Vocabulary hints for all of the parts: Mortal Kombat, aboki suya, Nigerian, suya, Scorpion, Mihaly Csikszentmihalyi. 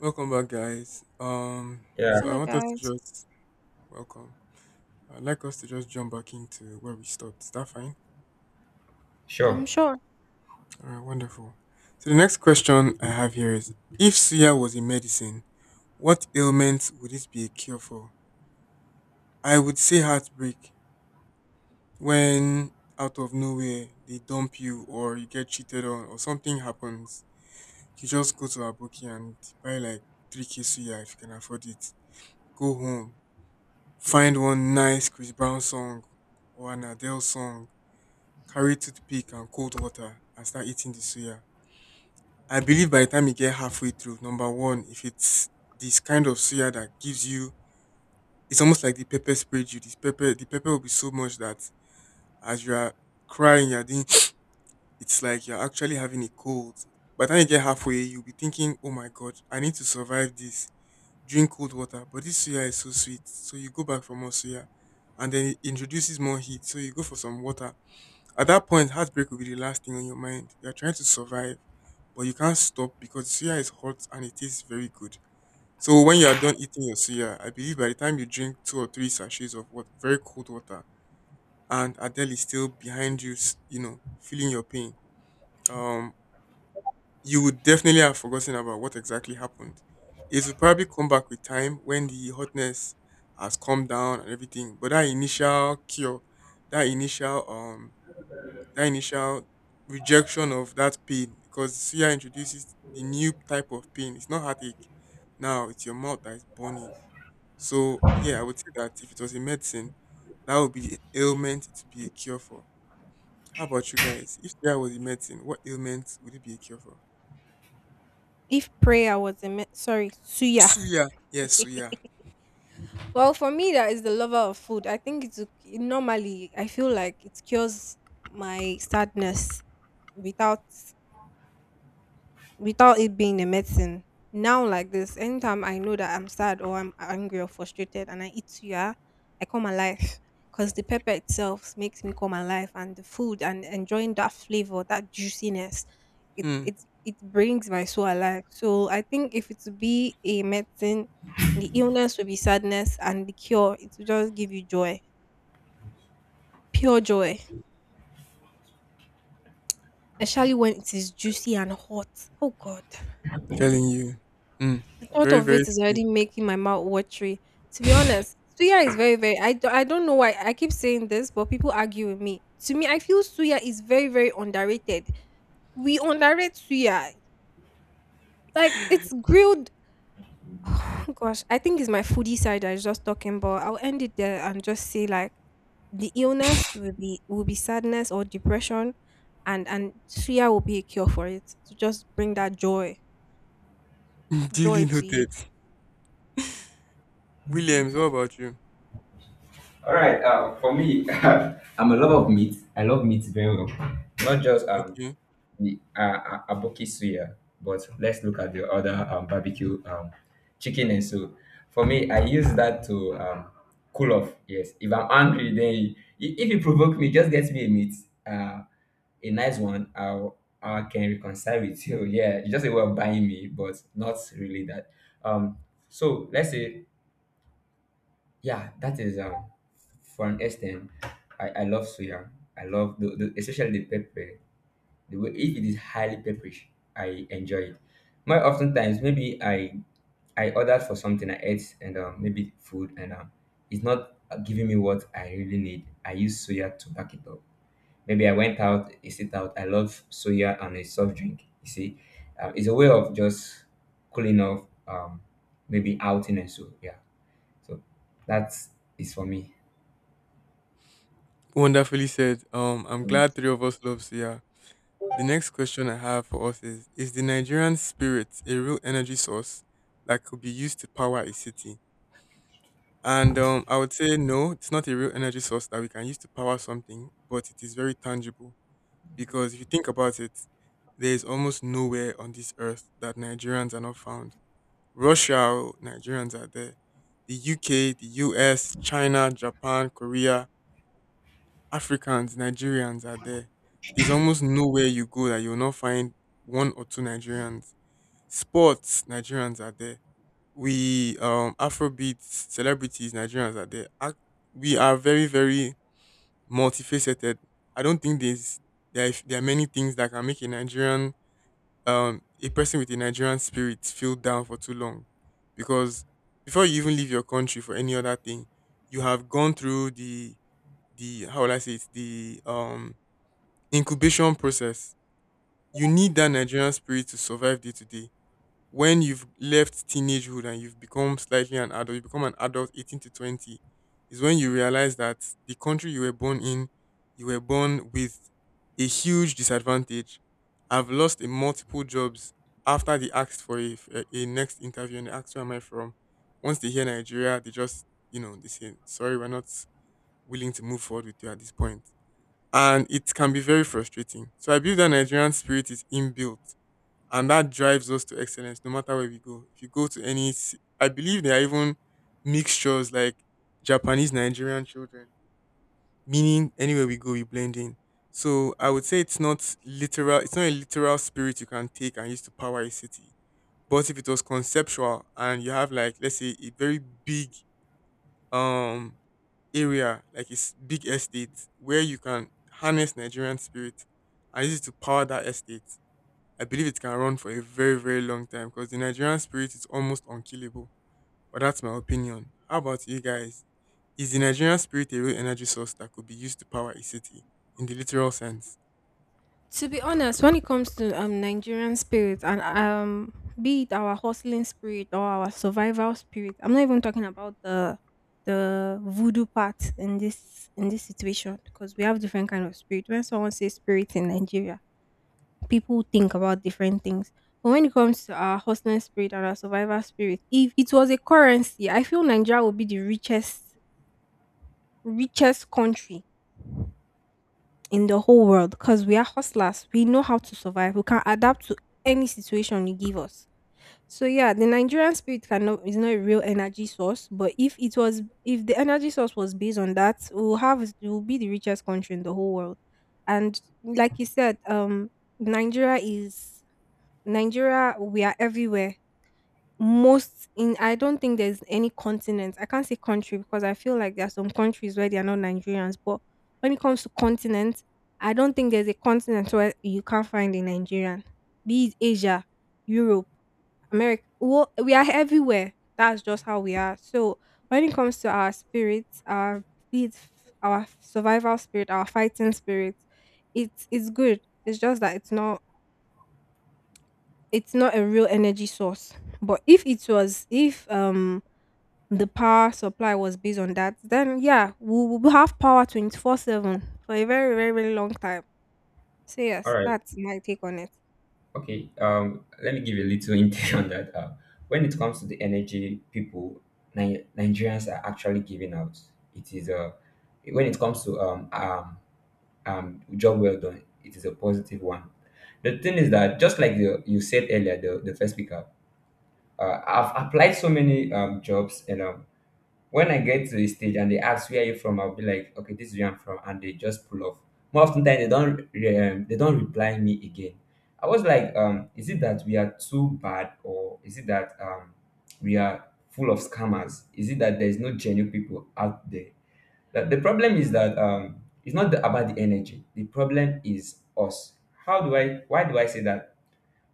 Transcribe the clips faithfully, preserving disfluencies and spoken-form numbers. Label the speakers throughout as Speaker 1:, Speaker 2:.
Speaker 1: Welcome back, guys. Um,
Speaker 2: Yeah,
Speaker 1: so I
Speaker 3: Hello,
Speaker 1: want us to
Speaker 3: guys.
Speaker 1: just welcome. I'd like us to just jump back into where we stopped. Is that fine?
Speaker 2: sure.
Speaker 3: I'm sure
Speaker 1: All right, wonderful. So the next question I have here is: If suya was a medicine, what ailment would it be a cure for? I would say heartbreak. When out of nowhere they dump you, or you get cheated on, or something happens, you just go to a bookie and buy like three k suya if you can afford it. Go home, find one nice Chris Brown song or an Adele song, carry toothpick and cold water and start eating the suya. I believe by the time you get halfway through, number one, if it's this kind of suya that gives you, it's almost like the pepper sprayed you. This pepper, the pepper will be so much that as you are crying, you're doing, it's like you're actually having a cold. By the time you get halfway, you'll be thinking, oh my god, I need to survive this. Drink cold water, but this suya is so sweet. So you go back for more suya. And then it introduces more heat. So you go for some water. At that point, heartbreak will be the last thing on your mind. You're trying to survive, but you can't stop because suya is hot and it tastes very good. So when you are done eating your suya, I believe by the time you drink two or three sachets of what very cold water, and Adele is still behind you, s- you know, feeling your pain. Um, you would definitely have forgotten about what exactly happened. It will probably come back with time when the hotness has come down and everything. But that initial cure, that initial um, that initial rejection of that pain, because suya introduces the new type of pain. It's not heartache. Now it's your mouth that is burning. So yeah, I would say that if it was a medicine, that would be the ailment it would be a cure for. How about you guys? If suya was a medicine, what ailment would it be a cure for?
Speaker 3: if prayer was a me- sorry, suya.
Speaker 1: Suya, yes, suya.
Speaker 3: Well, for me, that is the lover of food. I think it's ok, normally I feel like it cures my sadness without without it being a medicine. Now, like this, anytime I know that I'm sad or I'm angry or frustrated and I eat suya, I come alive because the pepper itself makes me come alive and the food and enjoying that flavor, that juiciness, it,
Speaker 1: Mm,
Speaker 3: it, it brings my soul alive. So, I think if it would be a medicine, the illness will be sadness and the cure, it will just give you joy, pure joy, especially when it is juicy and hot. Oh, God.
Speaker 1: telling you. Mm,
Speaker 3: The thought
Speaker 1: very,
Speaker 3: of
Speaker 1: very
Speaker 3: it is
Speaker 1: few.
Speaker 3: already making my mouth watery. To be honest, suya is very, very. I I d- I don't know why I keep saying this, but people argue with me. To me, I feel suya is very, very underrated. We underrate suya. Like it's grilled. Gosh, I think it's my foodie side I was just talking, but I'll end it there and just say like the illness will be will be sadness or depression, and and suya will be a cure for it to just bring that joy
Speaker 1: Duly
Speaker 3: joy to you.
Speaker 1: noted. Williams, what about you?
Speaker 2: All right. Uh, for me, I'm a lover of meat. I love meat very well. Not just um
Speaker 1: Okay.
Speaker 2: the uh, uh, aboki suya, but let's look at the other um, barbecue um chicken and so. For me, I use that to um cool off. Yes, if I'm angry, then you- i- if you provoke me, just get me a meat, uh, a nice one. I'll I can reconcile with you. Yeah, it's just a way of buying me, but not really that. Um, so let's say, yeah, that is, um, for an extent. I, I love soya. I love the, the especially the pepper. The way if it is highly pepperish, I enjoy it. More oftentimes, maybe I I ordered for something I ate, and um, maybe food, and um, it's not giving me what I really need. I use soya to back it up. Maybe I went out, I sit out. I love soya and a soft drink. You see, um, it's a way of just cooling off. Um, maybe outing and so, yeah. So that's is for me.
Speaker 1: Wonderfully said. Um, I'm
Speaker 2: All
Speaker 1: glad three of us love Sia. The next question I have for us is: Is the Nigerian spirit a real energy source that could be used to power a city? And um, I would say no, it's not a real energy source that we can use to power something, but it is very tangible. Because if you think about it, there is almost nowhere on this earth that Nigerians are not found. Russia, oh, Nigerians are there. The U K, the U S, China, Japan, Korea, Africans, Nigerians are there. There's almost nowhere you go that you'll not find one or two Nigerians. Sports, Nigerians are there. We um Afrobeat celebrities, Nigerians are there. Ac- We are very, very multifaceted. I don't think there's there, are- there are many things that can make a Nigerian um, a person with a Nigerian spirit feel down for too long. Because before you even leave your country for any other thing, you have gone through the the how will I say it, the um incubation process. You need that Nigerian spirit to survive day to day when you've left teenagehood and you've become slightly an adult, you become an adult eighteen to twenty, is when you realize that the country you were born in, you were born with a huge disadvantage. I've lost in multiple jobs after they asked for a, f- a- a next interview and they asked where am I from. Once they hear Nigeria, they just, you know, they say, sorry, we're not willing to move forward with you at this point. And it can be very frustrating. So I believe that Nigerian spirit is inbuilt and that drives us to excellence no matter where we go. If you go to any ci-, I believe there are even mixtures like Japanese Nigerian children, meaning anywhere we go, we blend in. So I would say it's not literal, it's not a literal spirit you can take and use to power a city. But if it was conceptual, and you have, like, let's say a very big um area, like it's big estate where you can harness Nigerian spirit and use it to power that estate. I believe it can run for a very, very long time because the Nigerian spirit is almost unkillable. But that's my opinion. How about you guys? Is the Nigerian spirit a real energy source that could be used to power a city in the literal sense?
Speaker 3: To be honest, when it comes to um Nigerian spirit and um be it our hustling spirit or our survival spirit, I'm not even talking about the the voodoo part in this in this situation because we have different kind of spirit. When someone says spirit in Nigeria, people think about different things. But when it comes to our hustling spirit and our survival spirit, if it was a currency, I feel Nigeria would be the richest richest country in the whole world because we are hustlers. We know how to survive. We can adapt to any situation you give us. So yeah, the Nigerian spirit cannot is not a real energy source. But if it was, if the energy source was based on that, we'll have we'll be the richest country in the whole world. And like you said, um, Nigeria is Nigeria. We are everywhere most in I don't think there's any continent. I can't say country because I feel like there are some countries where they are not Nigerians, but when it comes to continent, I don't think there's a continent where you can't find a Nigerian. Be it Asia, Europe, America. Well, we are everywhere. That's just how we are. So when it comes to our spirits, our be it f- our survival spirit, our fighting spirit, it's it's good. It's just that it's not it's not a real energy source. But if it was, if um the power supply was based on that, then yeah, we will have power twenty-four seven for a very, very, very long time. So, yes,
Speaker 2: right.
Speaker 3: that's my take on it.
Speaker 2: Okay. Um, let me give you a little insight on that. Uh, when it comes to the energy people, Ni- Nigerians are actually giving out. It is a, when it comes to um, um um job well done, it is a positive one. The thing is that, just like the, you said earlier, the, the first speaker, uh, I've applied so many um, jobs, and um, when I get to the stage and they ask where are you from, I'll be like, okay, this is where I'm from, and they just pull off. More often than they don't, re- um, they don't reply me again. I was like, um, is it that we are too bad, or is it that um, we are full of scammers? Is it that there's no genuine people out there? That the problem is that, um, it's not the, about the energy. The problem is us. How do I? Why do I say that?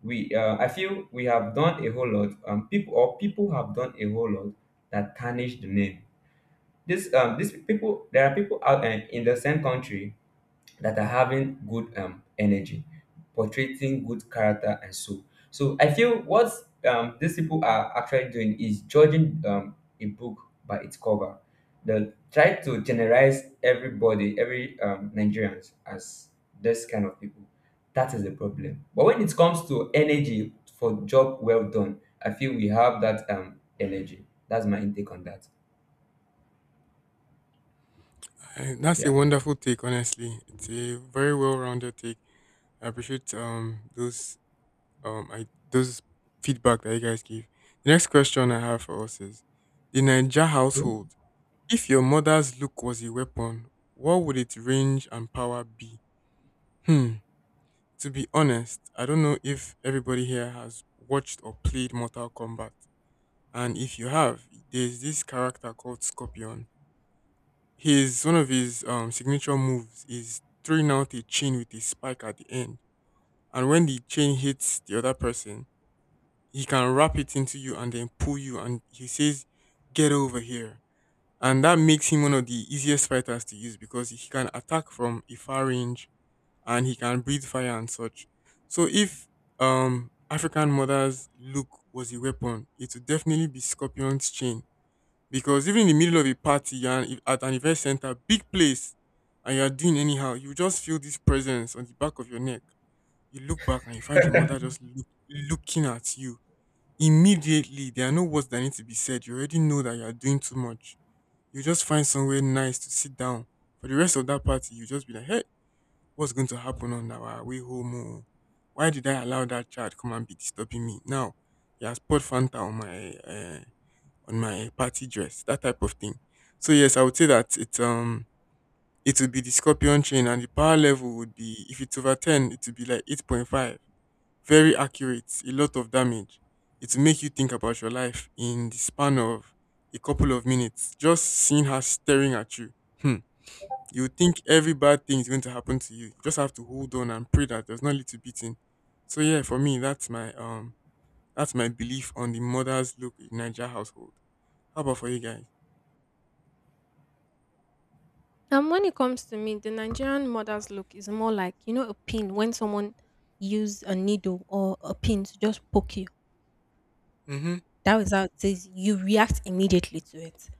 Speaker 2: We, uh, I feel we have done a whole lot. Um, people or people have done a whole lot that tarnish the name this um these people. There are people out and in the same country that are having good um energy, portraying good character and so. So I feel what um these people are actually doing is judging um a book by its cover. They try to generalize everybody, every um Nigerians as this kind of people. That is the problem. But when it comes to energy for job well done, I feel we have that um energy. That's my intake on that.
Speaker 1: Eh, That's a
Speaker 2: Yeah.
Speaker 1: wonderful take, honestly. It's a very well rounded take. I appreciate um those um I those feedback that you guys give. The next question I have for us is the Niger household. If your mother's look was a weapon, what would its range and power be? Hmm. To be honest, I don't know if everybody here has watched or played Mortal Kombat. And if you have, there's this character called Scorpion. His one of his um, signature moves is throwing out a chain with a spike at the end. And when the chain hits the other person, he can wrap it into you and then pull you. And he says, "Get over here." And that makes him one of the easiest fighters to use because he can attack from a far range and he can breathe fire and such. So if um African mother's look was a weapon, it would definitely be Scorpion's chain. Because even in the middle of a party and if- at an event center, big place, and you are doing anyhow, you just feel this presence on the back of your neck. You look back and you find your mother just look, looking at you. Immediately, there are no words that need to be said. You already know that you are doing too much. You just find somewhere nice to sit down. For the rest of that party, you just be like, hey, what's going to happen on our way home, oh? Why did I allow that child come and be disturbing me? Now he has poured Fanta on my uh, on my party dress, that type of thing. So yes, I would say that it um it would be the Scorpion chain, and the power level would be, if it's over ten, it would be like eight point five. Very accurate, a lot of damage. It will make you think about your life in the span of a couple of minutes. Just seeing her staring at you. Hmm you would think every bad thing is going to happen to you. You just have to hold on and pray that there's not little beating. So yeah, for me, that's my um that's my belief on the mother's look in Niger household. How about for you guys?
Speaker 3: And when it comes to me, the Nigerian mother's look is more like, you know, a pin when someone use a needle or a pin to just poke you.
Speaker 1: Mm-hmm.
Speaker 3: That is how it says you react immediately to it.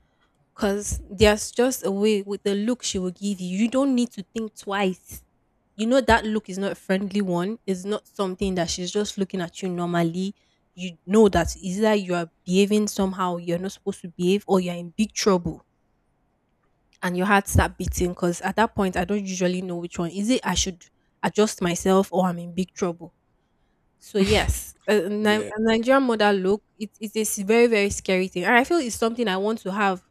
Speaker 3: Because there's just a way with the look she will give you. You don't need to think twice. You know that look is not a friendly one. It's not something that she's just looking at you normally. You know that either you are behaving somehow you're not supposed to behave or you're in big trouble and your heart start beating because at that point I don't usually know which one. Is it I should adjust myself or I'm in big trouble? So yes, a, a Ni-
Speaker 1: Yeah,
Speaker 3: a Nigerian mother look, it, it is a very, very scary thing. And I feel it's something I want to have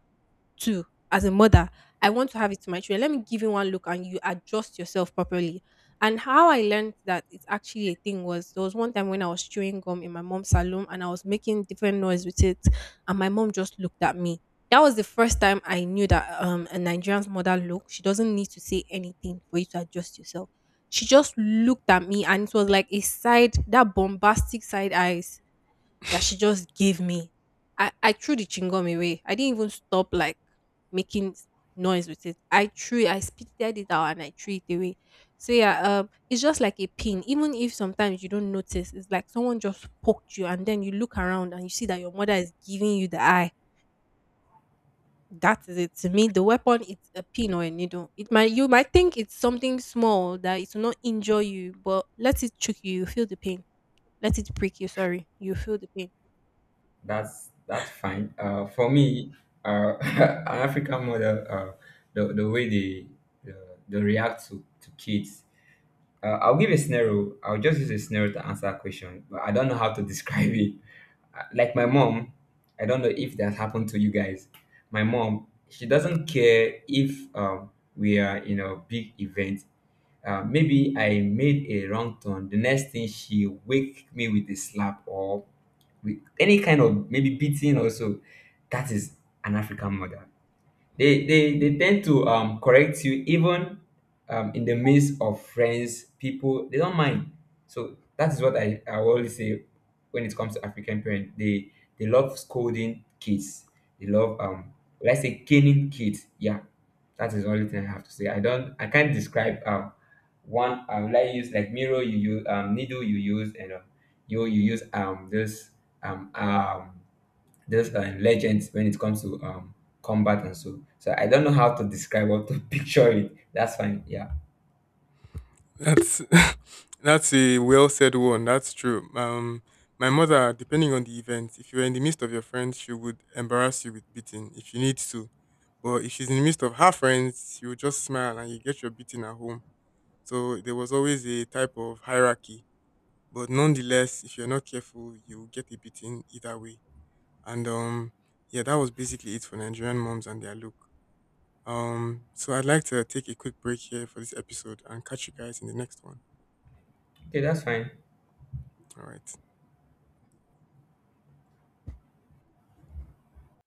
Speaker 3: too as a mother. I want to have it to my children. Let me give you one look and you adjust yourself properly. And how I learned that it's actually a thing was there was one time when I was chewing gum in my mom's salon and I was making different noise with it and my mom just looked at me. That was the first time I knew that um, a Nigerian's mother look, she doesn't need to say anything for you to adjust yourself. She just looked at me and it was like a side, that bombastic side eyes that she just gave me. I, I threw the chingum away. I didn't even stop like making s- noise with it. I threw it, I spitted it out and I threw it away. So yeah, um, it's just like a pin. Even if sometimes you don't notice, it's like someone just poked you and then you look around and you see that your mother is giving you the eye. That is it. To me, the weapon is a pin or a needle. It might you might think it's something small that it will not injure you, but let it choke you, you feel the pain. Let it prick you, sorry. You feel the pain
Speaker 2: That's that's fine. Uh, for me, uh, an African mother, uh, the the way they uh, they react to to kids. Uh, I'll give a scenario. I'll just use a scenario to answer a question, but I don't know how to describe it. Uh, Like my mom, I don't know if that happened to you guys. My mom, she doesn't care if, um, we are in a big event. Uh, maybe I made a wrong turn. The next thing, she wake me with a slap or with any kind of maybe beating also. That is an african mother. They, they, they tend to um, correct you even um, in the midst of friends, people, they don't mind. So that is what I, I always say when it comes to African parents. They they love scolding kids. They love, um let's say, caning kids. Yeah. That is the only thing I have to say. I don't, I can't describe um one I would like, use like mirror you use, um needle you use, and um, you you use um this, um um those uh, legends when it comes to um, combat and so. So I don't know how to describe or to picture it. That's fine. Yeah.
Speaker 1: that's that's a well said one. That's true. Um, my mother, depending on the event, if you're in the midst of your friends, she would embarrass you with beating if you need to. But if she's in the midst of her friends, you just smile and you get your beating at home. So there was always a type of hierarchy. But nonetheless, if you're not careful, you'll get a beating either way. And um, yeah, that was basically it for Nigerian moms and their look. Um, so I'd like to take a quick break here for this episode and catch you guys in the next one.
Speaker 2: Okay, that's fine.
Speaker 1: All right.